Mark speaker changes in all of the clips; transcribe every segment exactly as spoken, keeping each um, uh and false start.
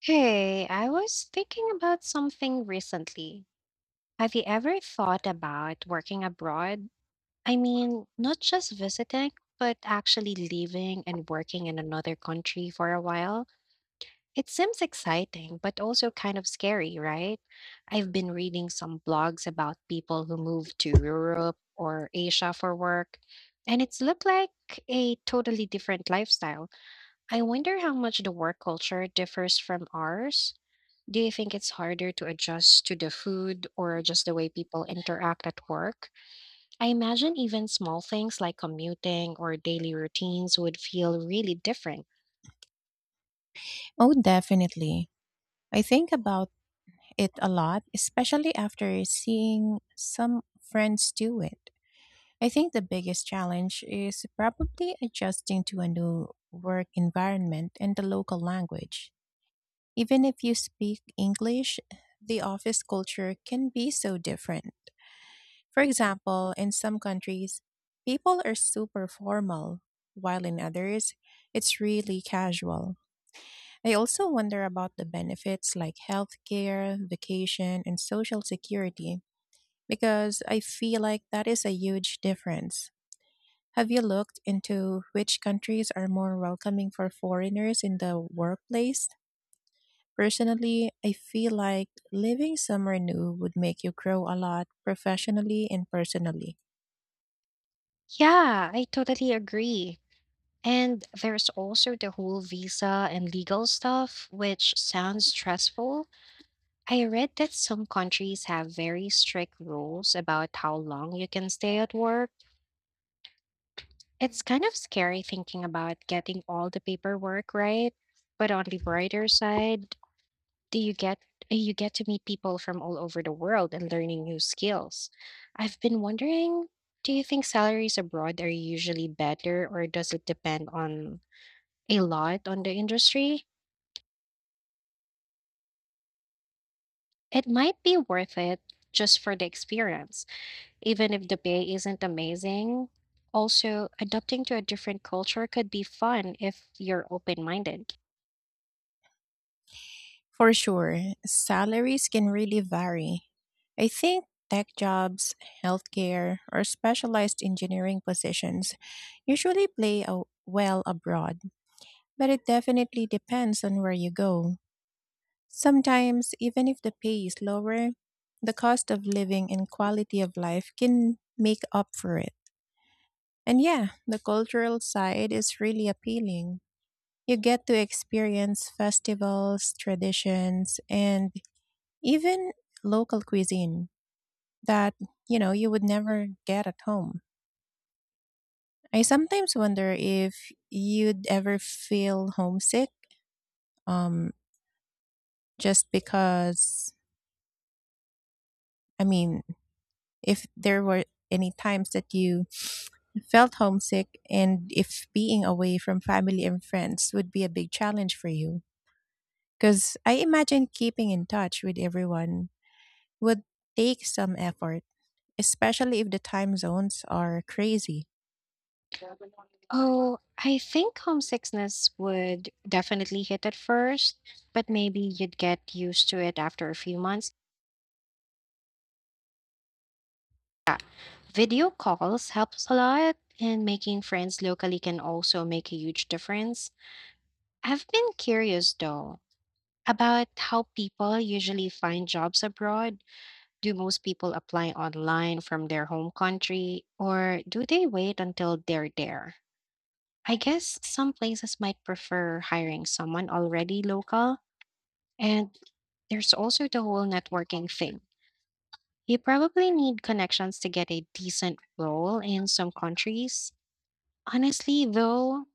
Speaker 1: Hey, I was thinking about something recently. Have you ever thought about working abroad? I mean, not just visiting, but actually living and working in another country for a while. It seems exciting, but also kind of scary, right? I've been reading some blogs about people who moved to Europe or Asia for work, and it's looked like a totally different lifestyle. I wonder how much the work culture differs from ours. Do you think it's harder to adjust to the food or just the way people interact at work? I imagine even small things like commuting or daily routines would feel really different.
Speaker 2: Oh, definitely. I think about it a lot, especially after seeing some friends do it. I think the biggest challenge is probably adjusting to a new work environment and the local language. Even if you speak English, the office culture can be so different. For example, in some countries, people are super formal, while in others, it's really casual. I also wonder about the benefits like healthcare, vacation, and social security because I feel like that is a huge difference. Have you looked into which countries are more welcoming for foreigners in the workplace? Personally, I feel like living somewhere new would make you grow a lot professionally and personally.
Speaker 1: Yeah, I totally agree. And there's also the whole visa and legal stuff, which sounds stressful. I read that some countries have very strict rules about how long you can stay at work. It's kind of scary thinking about getting all the paperwork right, but on the brighter side, do you get you get to meet people from all over the world and learning new skills. I've been wondering, do you think salaries abroad are usually better or does it depend on a lot on the industry? It might be worth it just for the experience, even if the pay isn't amazing. Also, adapting to a different culture could be fun if you're open-minded.
Speaker 2: For sure, salaries can really vary. I think tech jobs, healthcare, or specialized engineering positions usually play a well abroad, but it definitely depends on where you go. Sometimes, even if the pay is lower, the cost of living and quality of life can make up for it. And yeah, the cultural side is really appealing. You get to experience festivals, traditions, and even local cuisine that, you know, you would never get at home. I sometimes wonder if you'd ever feel homesick um just because, I mean, if there were any times that you felt homesick, and if being away from family and friends would be a big challenge for you, because I imagine keeping in touch with everyone would take some effort, especially if the time zones are crazy.
Speaker 1: Oh, I think homesickness would definitely hit at first, but maybe you'd get used to it after a few months. Video calls helps a lot, and making friends locally can also make a huge difference. I've been curious though about how people usually find jobs abroad. Do most people apply online from their home country, or do they wait until they're there? I guess some places might prefer hiring someone already local. And there's also the whole networking thing. You probably need connections to get a decent role in some countries. Honestly, though,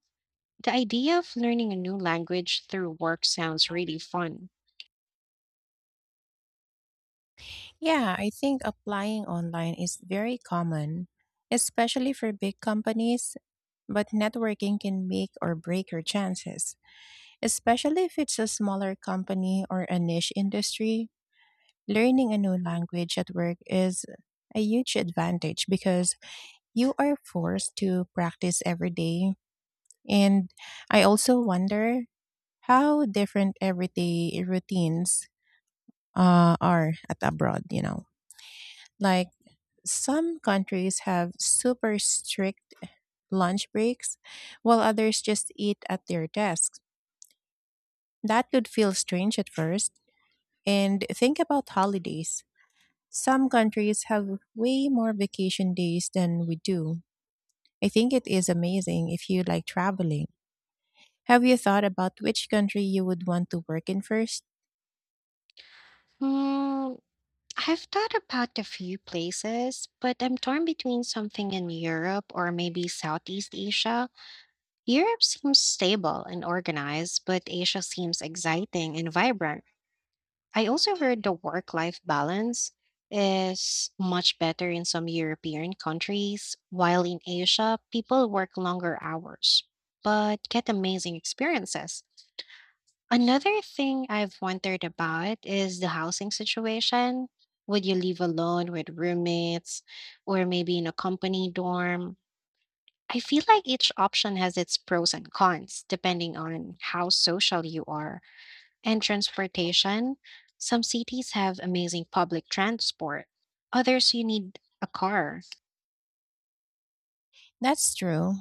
Speaker 1: the idea of learning a new language through work sounds really fun.
Speaker 2: Yeah, I think applying online is very common, especially for big companies, but networking can make or break your chances, especially if it's a smaller company or a niche industry. Learning a new language at work is a huge advantage because you are forced to practice every day. And I also wonder how different everyday routines uh, are at abroad, you know. Like, some countries have super strict lunch breaks, while others just eat at their desks. That could feel strange at first. And think about holidays. Some countries have way more vacation days than we do. I think it is amazing if you like traveling. Have you thought about which country you would want to work in first?
Speaker 1: Hmm, I've thought about a few places, but I'm torn between something in Europe or maybe Southeast Asia. Europe seems stable and organized, but Asia seems exciting and vibrant. I also heard the work life balance is much better in some European countries, while in Asia, people work longer hours but get amazing experiences. Another thing I've wondered about is the housing situation. Would you live alone with roommates or maybe in a company dorm? I feel like each option has its pros and cons depending on how social you are. And transportation. Some cities have amazing public transport, others, you need a car.
Speaker 2: That's true.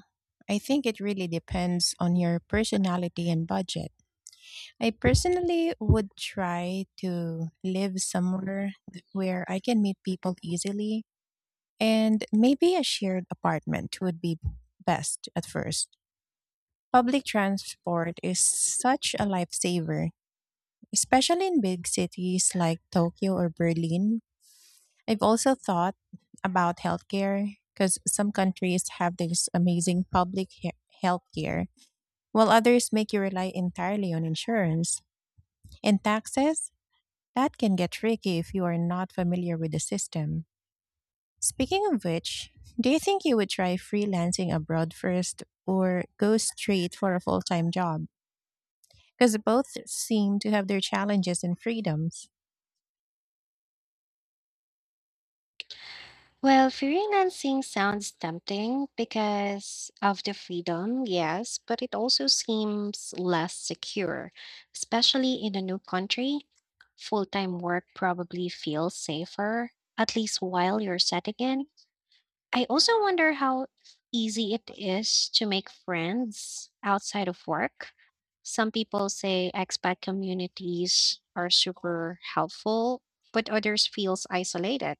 Speaker 2: I think it really depends on your personality and budget. I personally would try to live somewhere where I can meet people easily, and maybe a shared apartment would be best at first. Public transport is such a lifesaver, especially in big cities like Tokyo or Berlin. I've also thought about healthcare because some countries have this amazing public he- healthcare, while others make you rely entirely on insurance and taxes. That can get tricky if you are not familiar with the system. Speaking of which, do you think you would try freelancing abroad first or go straight for a full time job? Because both seem to have their challenges and freedoms.
Speaker 1: Well, freelancing sounds tempting because of the freedom, yes, but it also seems less secure, especially in a new country. Full time work probably feels safer, at least while you're setting in. I also wonder how easy it is to make friends outside of work. Some people say expat communities are super helpful, but others feels isolated.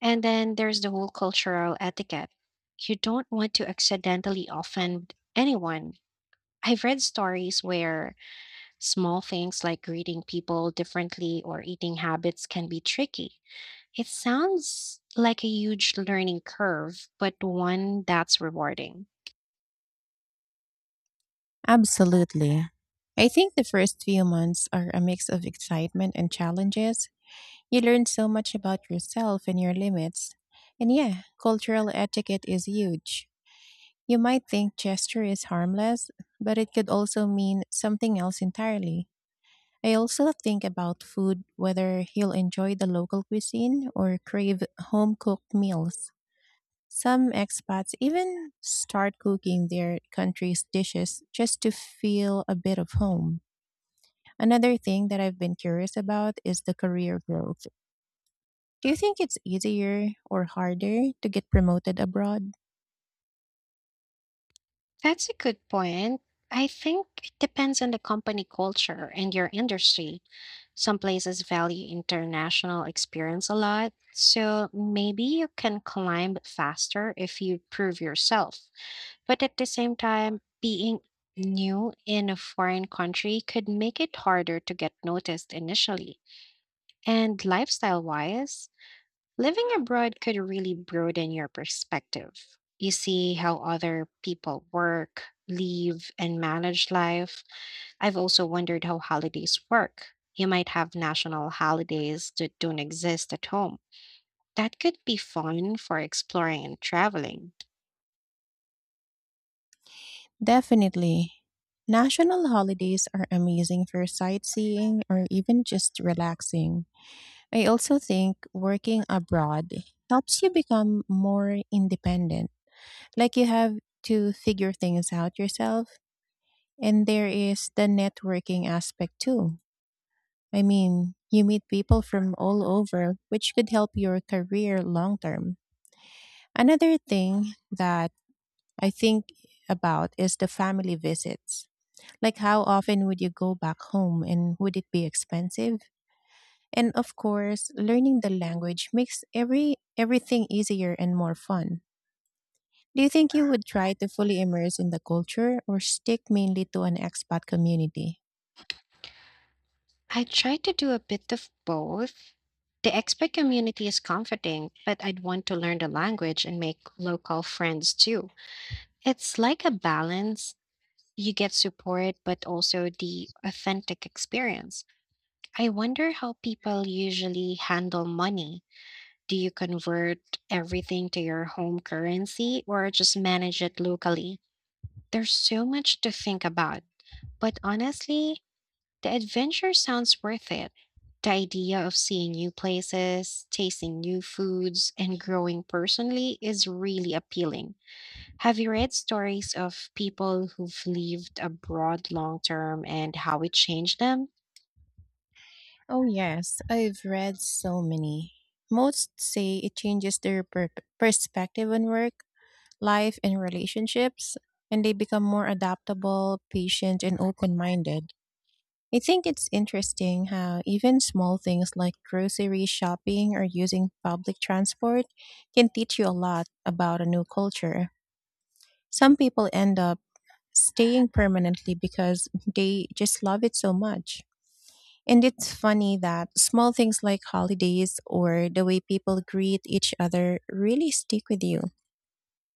Speaker 1: And then there's the whole cultural etiquette. You don't want to accidentally offend anyone. I've read stories where small things like greeting people differently or eating habits can be tricky. It sounds like a huge learning curve, but one that's rewarding.
Speaker 2: Absolutely. I think the first few months are a mix of excitement and challenges. You learn so much about yourself and your limits. And yeah, cultural etiquette is huge. You might think gesture is harmless, but it could also mean something else entirely. I also think about food, whether he'll enjoy the local cuisine or crave home cooked meals. Some expats even start cooking their country's dishes just to feel a bit of home. Another thing that I've been curious about is the career growth. Do you think it's easier or harder to get promoted abroad?
Speaker 1: That's a good point. I think it depends on the company culture and your industry. Some places value international experience a lot, so maybe you can climb faster if you prove yourself. But at the same time, being new in a foreign country could make it harder to get noticed initially. And lifestyle wise, living abroad could really broaden your perspective. You see how other people work, live, and manage life. I've also wondered how holidays work. You might have national holidays that don't exist at home. That could be fun for exploring and traveling.
Speaker 2: Definitely. National holidays are amazing for sightseeing or even just relaxing. I also think working abroad helps you become more independent. Like, you have to figure things out yourself. And there is the networking aspect too. I mean, you meet people from all over, which could help your career long term. Another thing that I think about is the family visits. Like, how often would you go back home and would it be expensive? And of course, learning the language makes every everything easier and more fun. Do you think you would try to fully immerse in the culture or stick mainly to an expat community?
Speaker 1: I try to do a bit of both. The expat community is comforting, but I'd want to learn the language and make local friends too. It's like a balance. You get support, but also the authentic experience. I wonder how people usually handle money. Do you convert everything to your home currency or just manage it locally? There's so much to think about, but honestly, the adventure sounds worth it. The idea of seeing new places, tasting new foods, and growing personally is really appealing. Have you read stories of people who've lived abroad long term and how it changed them?
Speaker 2: Oh yes, I've read so many. Most say it changes their per- perspective on work, life, and relationships, and they become more adaptable, patient, and open-minded. I think it's interesting how even small things like grocery shopping or using public transport can teach you a lot about a new culture. Some people end up staying permanently because they just love it so much. And it's funny that small things like holidays or the way people greet each other really stick with you.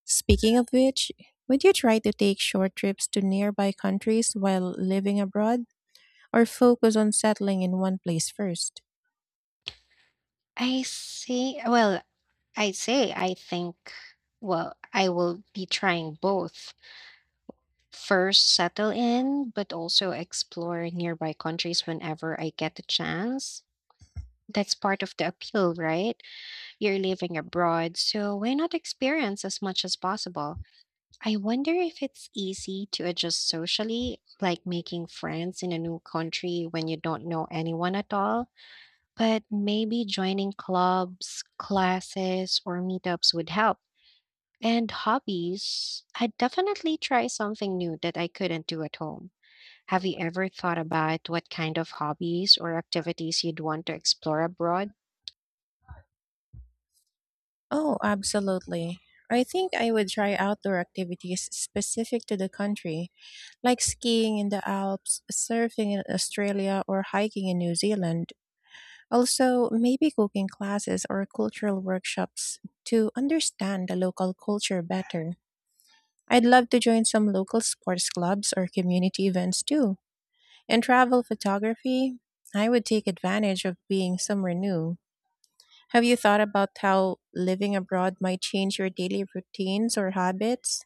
Speaker 2: Speaking of which, would you try to take short trips to nearby countries while living abroad, or focus on settling in one place first?
Speaker 1: I see. Well, I say I think, well, I will be trying both. First, settle in, but also explore nearby countries whenever I get the chance. That's part of the appeal, right? You're living abroad, so why not experience as much as possible? I wonder if it's easy to adjust socially, like making friends in a new country when you don't know anyone at all. But maybe joining clubs, classes, or meetups would help. And hobbies, I'd definitely try something new that I couldn't do at home. Have you ever thought about what kind of hobbies or activities you'd want to explore abroad?
Speaker 2: Oh, absolutely. I think I would try outdoor activities specific to the country, like skiing in the Alps, surfing in Australia, or hiking in New Zealand. Also, maybe cooking classes or cultural workshops to understand the local culture better. I'd love to join some local sports clubs or community events too. In travel photography, I would take advantage of being somewhere new. Have you thought about how living abroad might change your daily routines or habits?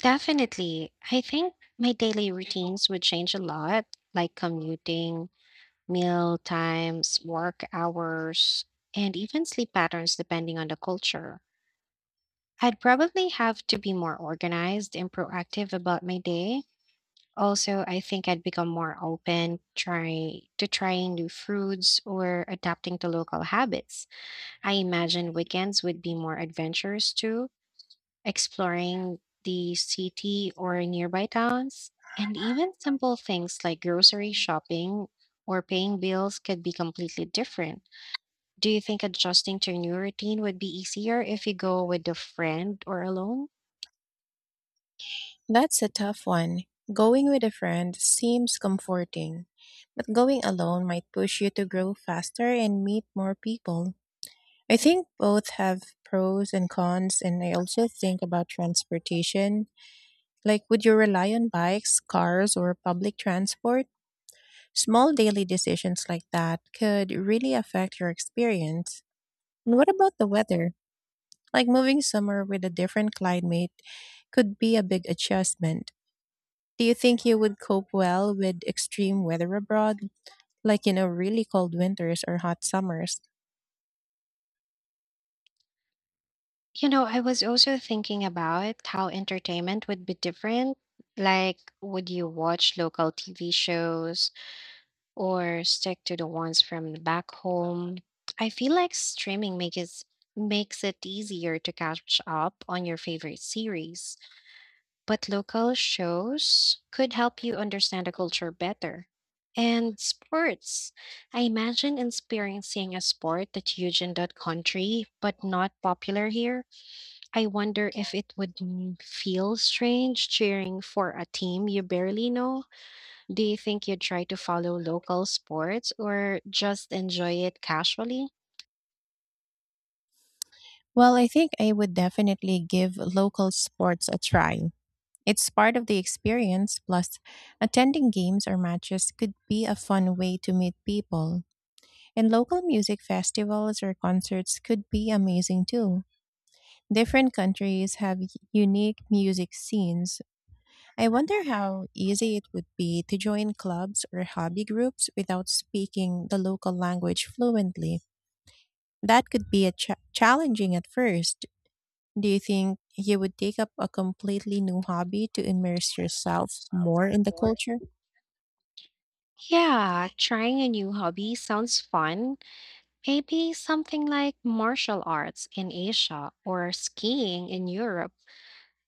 Speaker 1: Definitely. I think my daily routines would change a lot, like commuting, meal times, work hours, and even sleep patterns depending on the culture. I'd probably have to be more organized and proactive about my day. Also, I think I'd become more open try to trying new foods or adapting to local habits. I imagine weekends would be more adventurous too, exploring the city or nearby towns. And even simple things like grocery shopping or paying bills could be completely different. Do you think adjusting to a new routine would be easier if you go with a friend or alone?
Speaker 2: That's a tough one. Going with a friend seems comforting, but going alone might push you to grow faster and meet more people. I think both have pros and cons, and I also think about transportation. Like, would you rely on bikes, cars, or public transport? Small daily decisions like that could really affect your experience. And what about the weather? Like, moving somewhere with a different climate could be a big adjustment. Do you think you would cope well with extreme weather abroad, like, you know, really cold winters or hot summers?
Speaker 1: You know, I was also thinking about how entertainment would be different. Like, would you watch local T V shows or stick to the ones from back home? I feel like streaming makes makes it easier to catch up on your favorite series, but local shows could help you understand the culture better. And sports. I imagine experiencing a sport that's huge in that country but not popular here. I wonder if it would m- feel strange cheering for a team you barely know. Do you think you'd try to follow local sports or just enjoy it casually?
Speaker 2: Well, I think I would definitely give local sports a try. It's part of the experience, plus, attending games or matches could be a fun way to meet people. And local music festivals or concerts could be amazing too. Different countries have y- unique music scenes. I wonder how easy it would be to join clubs or hobby groups without speaking the local language fluently. That could be a cha- challenging at first. Do you think you would take up a completely new hobby to immerse yourself more in the culture?
Speaker 1: Yeah, trying a new hobby sounds fun. Maybe something like martial arts in Asia or skiing in Europe.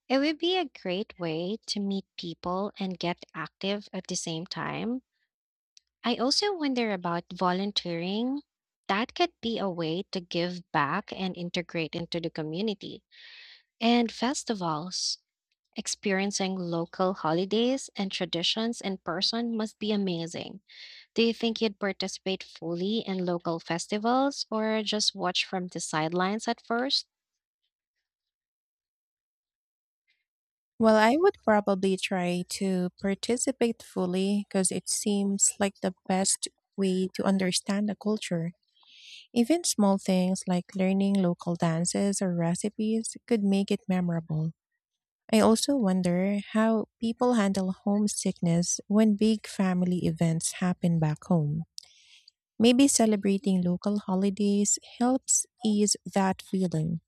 Speaker 1: It would be a great way to meet people and get active at the same time. I also wonder about volunteering. That could be a way to give back and integrate into the community. And festivals. Experiencing local holidays and traditions in person must be amazing. Do you think you'd participate fully in local festivals or just watch from the sidelines at first?
Speaker 2: Well, I would probably try to participate fully because it seems like the best way to understand the culture. Even small things like learning local dances or recipes could make it memorable. I also wonder how people handle homesickness when big family events happen back home. Maybe celebrating local holidays helps ease that feeling.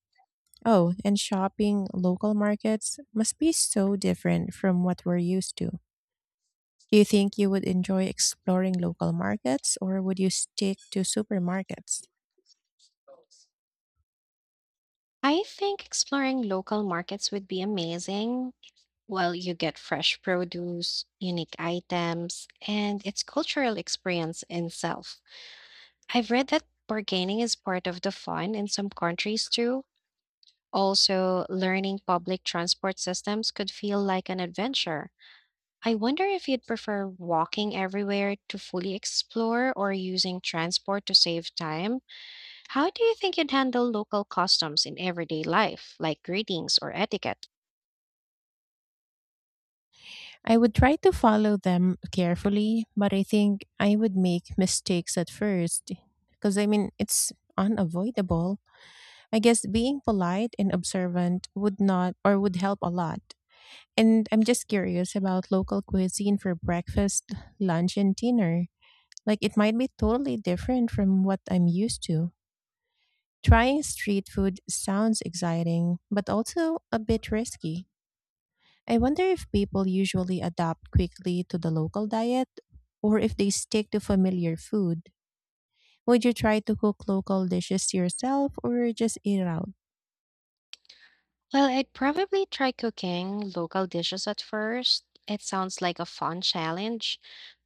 Speaker 2: Oh, and shopping local markets must be so different from what we're used to. Do you think you would enjoy exploring local markets or would you stick to supermarkets?
Speaker 1: I think exploring local markets would be amazing. Well, you get fresh produce, unique items, and it's cultural experience in itself. I've read that bargaining is part of the fun in some countries too. Also, learning public transport systems could feel like an adventure. I wonder if you'd prefer walking everywhere to fully explore or using transport to save time. How do you think you'd handle local customs in everyday life, like greetings or etiquette?
Speaker 2: I would try to follow them carefully, but I think I would make mistakes at first because, I mean, it's unavoidable. I guess being polite and observant would not or would help a lot. And I'm just curious about local cuisine for breakfast, lunch, and dinner. Like, it might be totally different from what I'm used to. Trying street food sounds exciting, but also a bit risky. I wonder if people usually adapt quickly to the local diet or if they stick to familiar food. Would you try to cook local dishes yourself or just eat out?
Speaker 1: Well, I'd probably try cooking local dishes at first. It sounds like a fun challenge.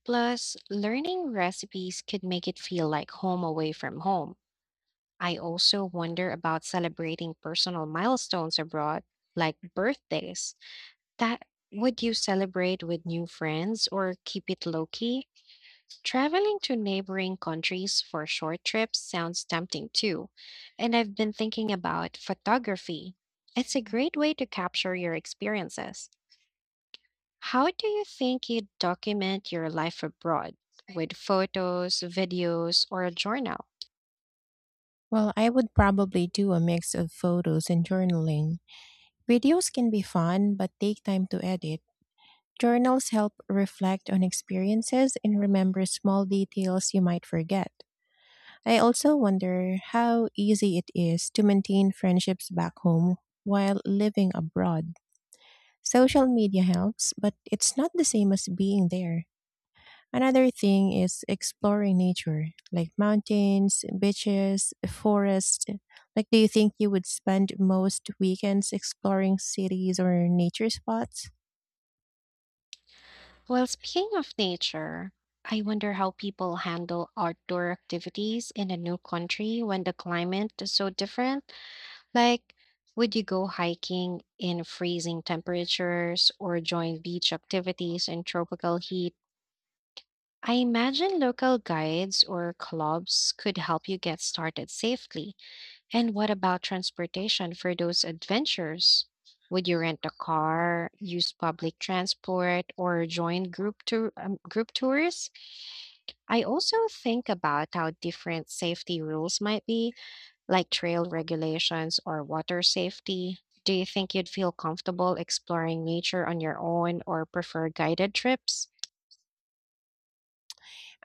Speaker 1: Plus, learning recipes could make it feel like home away from home. I also wonder about celebrating personal milestones abroad, like birthdays. That Would you celebrate with new friends or keep it low key? Traveling to neighboring countries for short trips sounds tempting too. And I've been thinking about photography. It's a great way to capture your experiences. How do you think you document your life abroad? With photos, videos, or a journal?
Speaker 2: Well, I would probably do a mix of photos and journaling. Videos can be fun, but take time to edit. Journals help reflect on experiences and remember small details you might forget. I also wonder how easy it is to maintain friendships back home while living abroad. Social media helps, but it's not the same as being there. Another thing is exploring nature, like mountains, beaches, forests. Like, do you think you would spend most weekends exploring cities or nature spots?
Speaker 1: Well, speaking of nature, I wonder how people handle outdoor activities in a new country when the climate is so different. Like, would you go hiking in freezing temperatures or join beach activities in tropical heat? I imagine local guides or clubs could help you get started safely. And what about transportation for those adventures? Would you rent a car, use public transport, or join group tour um, group tours? I also think about how different safety rules might be, like trail regulations or water safety. Do you think you'd feel comfortable exploring nature on your own or prefer guided trips?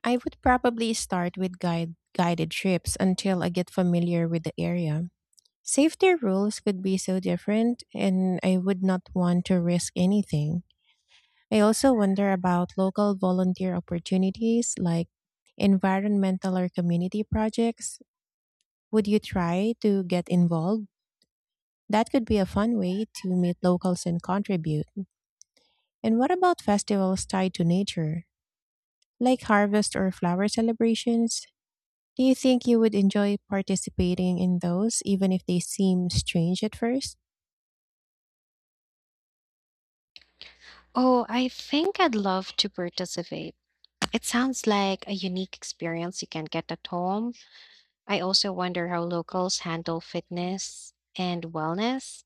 Speaker 2: I would probably start with guide, guided trips until I get familiar with the area. Safety rules could be so different, and I would not want to risk anything. I also wonder about local volunteer opportunities like environmental or community projects. Would you try to get involved? That could be a fun way to meet locals and contribute. And what about festivals tied to nature, like harvest or flower celebrations? Do you think you would enjoy participating in those, even if they seem strange at first?
Speaker 1: Oh, I think I'd love to participate. It sounds like a unique experience you can't get at home. I also wonder how locals handle fitness and wellness.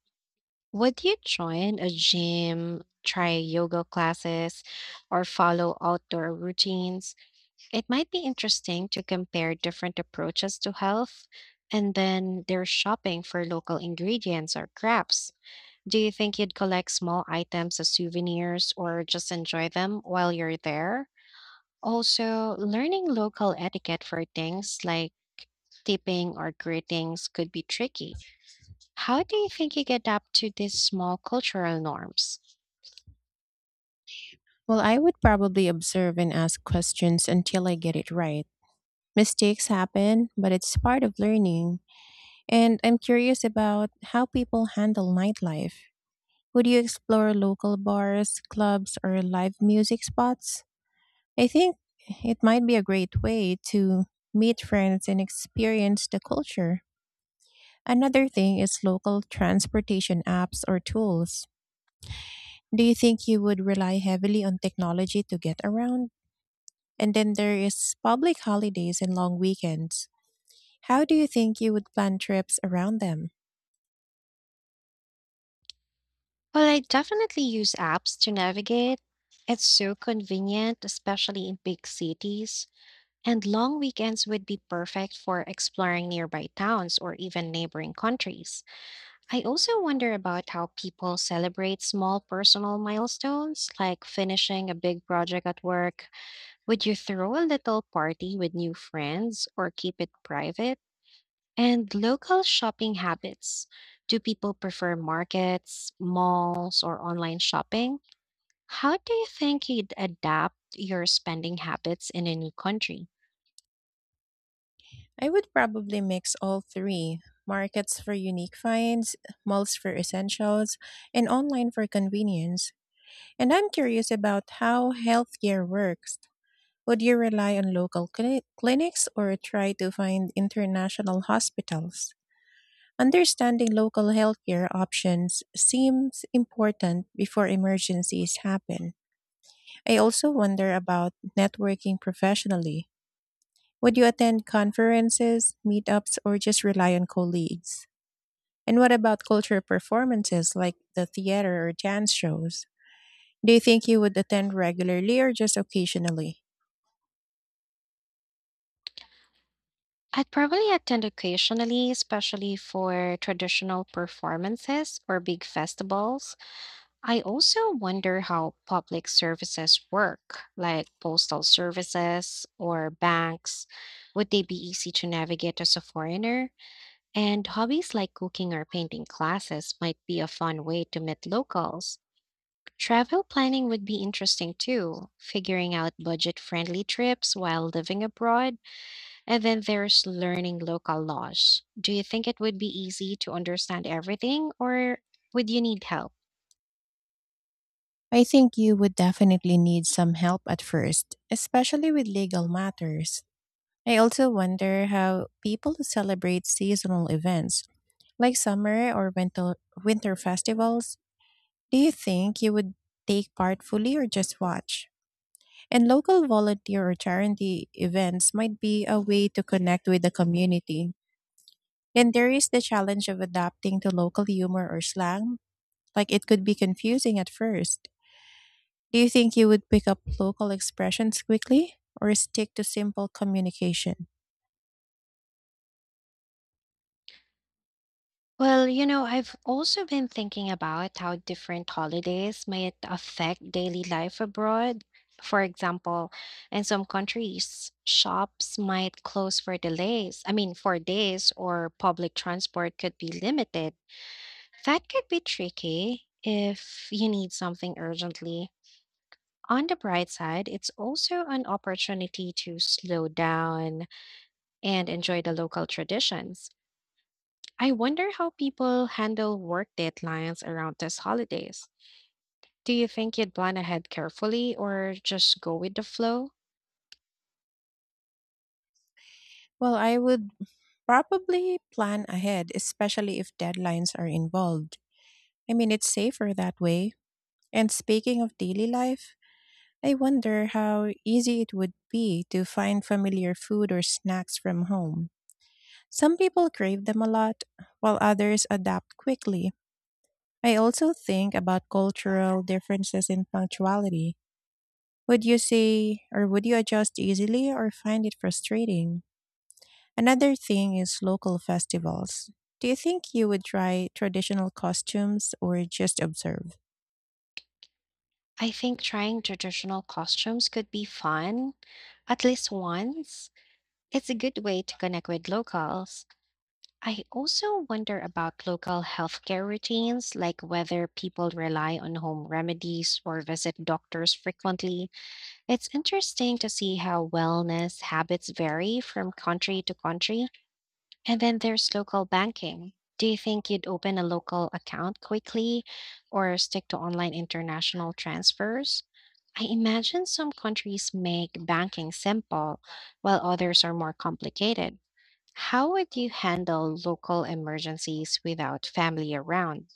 Speaker 1: Would you join a gym, try yoga classes, or follow outdoor routines? It might be interesting to compare different approaches to health, and then they're shopping for local ingredients or crafts. Do you think you'd collect small items as souvenirs or just enjoy them while you're there? Also, learning local etiquette for things like tipping or greetings could be tricky. How do you think you get up to these small cultural norms?
Speaker 2: Well, I would probably observe and ask questions until I get it right. Mistakes happen, but it's part of learning. And I'm curious about how people handle nightlife. Would you explore local bars, clubs, or live music spots? I think it might be a great way to meet friends and experience the culture. Another thing is local transportation apps or tools. Do you think you would rely heavily on technology to get around? And then there is public holidays and long weekends. How do you think you would plan trips around them?
Speaker 1: Well, I definitely use apps to navigate. It's so convenient, especially in big cities. And long weekends would be perfect for exploring nearby towns or even neighboring countries. I also wonder about how people celebrate small personal milestones, like finishing a big project at work. Would you throw a little party with new friends or keep it private? And local shopping habits. Do people prefer markets, malls, or online shopping? How do you think you'd adapt your spending habits in a new country?
Speaker 2: I would probably mix all three: markets for unique finds, malls for essentials, and online for convenience. And I'm curious about how healthcare works. Would you rely on local cli- clinics or try to find international hospitals? Understanding local healthcare options seems important before emergencies happen. I also wonder about networking professionally. Would you attend conferences, meetups, or just rely on colleagues? And what about cultural performances like the theater or dance shows? Do you think you would attend regularly or just occasionally?
Speaker 1: I'd probably attend occasionally, especially for traditional performances or big festivals. I also wonder how public services work, like postal services or banks. Would they be easy to navigate as a foreigner? And hobbies like cooking or painting classes might be a fun way to meet locals. Travel planning would be interesting too, figuring out budget friendly trips while living abroad. And then there's learning local laws. Do you think it would be easy to understand everything, or would you need help?
Speaker 2: I think you would definitely need some help at first, especially with legal matters. I also wonder how people who celebrate seasonal events like summer or winter, winter festivals. Do you think you would take part fully or just watch? And local volunteer or charity events might be a way to connect with the community. Then there is the challenge of adapting to local humor or slang. Like, it could be confusing at first. Do you think you would pick up local expressions quickly or stick to simple communication?
Speaker 1: Well, you know, I've also been thinking about how different holidays might affect daily life abroad. For example, in some countries, shops might close for delays, I mean, for days, or public transport could be limited. That could be tricky if you need something urgently. On the bright side, it's also an opportunity to slow down and enjoy the local traditions. I wonder how people handle work deadlines around these holidays. Do you think you'd plan ahead carefully or just go with the flow?
Speaker 2: Well, I would probably plan ahead, especially if deadlines are involved. I mean, it's safer that way. And speaking of daily life, I wonder how easy it would be to find familiar food or snacks from home. Some people crave them a lot, while others adapt quickly. I also think about cultural differences in punctuality. Would you say, or would you adjust easily, or find it frustrating? Another thing is local festivals. Do you think you would try traditional costumes or just observe?
Speaker 1: I think trying traditional costumes could be fun, at least once. It's a good way to connect with locals. I also wonder about local healthcare routines, like whether people rely on home remedies or visit doctors frequently. It's interesting to see how wellness habits vary from country to country. And then there's local banking. Do you think you'd open a local account quickly or stick to online international transfers? I imagine some countries make banking simple while others are more complicated. How would you handle local emergencies without family around?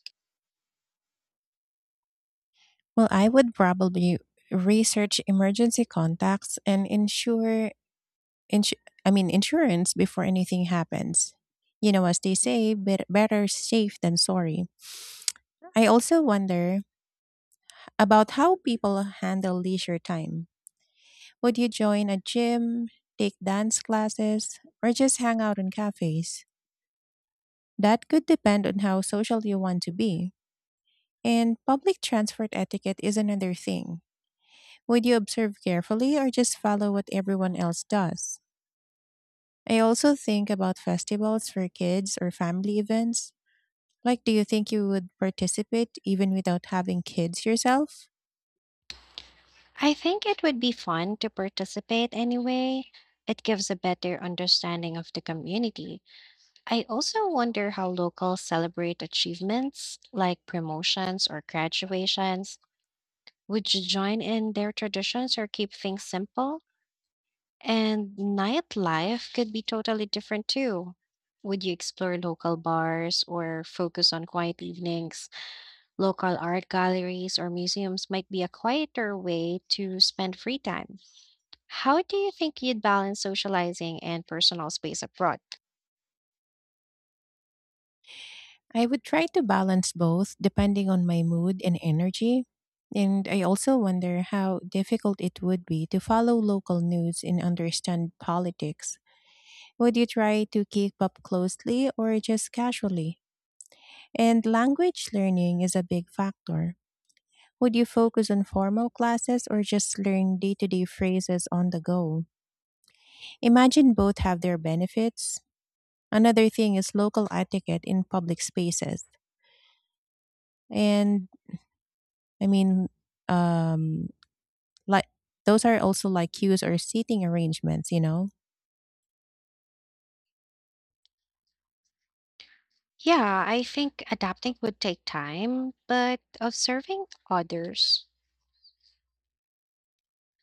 Speaker 2: Well, I would probably research emergency contacts and ensure Insu- I mean, insurance before anything happens. You know, as they say, bet- better safe than sorry. I also wonder about how people handle leisure time. Would you join a gym, take dance classes, or just hang out in cafes? That could depend on how social you want to be. And public transport etiquette is another thing. Would you observe carefully or just follow what everyone else does? I also think about festivals for kids or family events. Like, do you think you would participate even without having kids yourself?
Speaker 1: I think it would be fun to participate anyway. It gives a better understanding of the community. I also wonder how locals celebrate achievements like promotions or graduations. Would you join in their traditions or keep things simple? And nightlife could be totally different too. Would you explore local bars or focus on quiet evenings? Local art galleries or museums might be a quieter way to spend free time. How do you think you'd balance socializing and personal space abroad?
Speaker 2: I would try to balance both depending on my mood and energy. And I also wonder how difficult it would be to follow local news and understand politics. Would you try to keep up closely or just casually? And language learning is a big factor. Would you focus on formal classes or just learn day to day phrases on the go? Imagine both have their benefits. Another thing is local etiquette in public spaces. And, I mean, um, like, those are also like cues or seating arrangements, you know?
Speaker 1: Yeah, I think adapting would take time, but observing others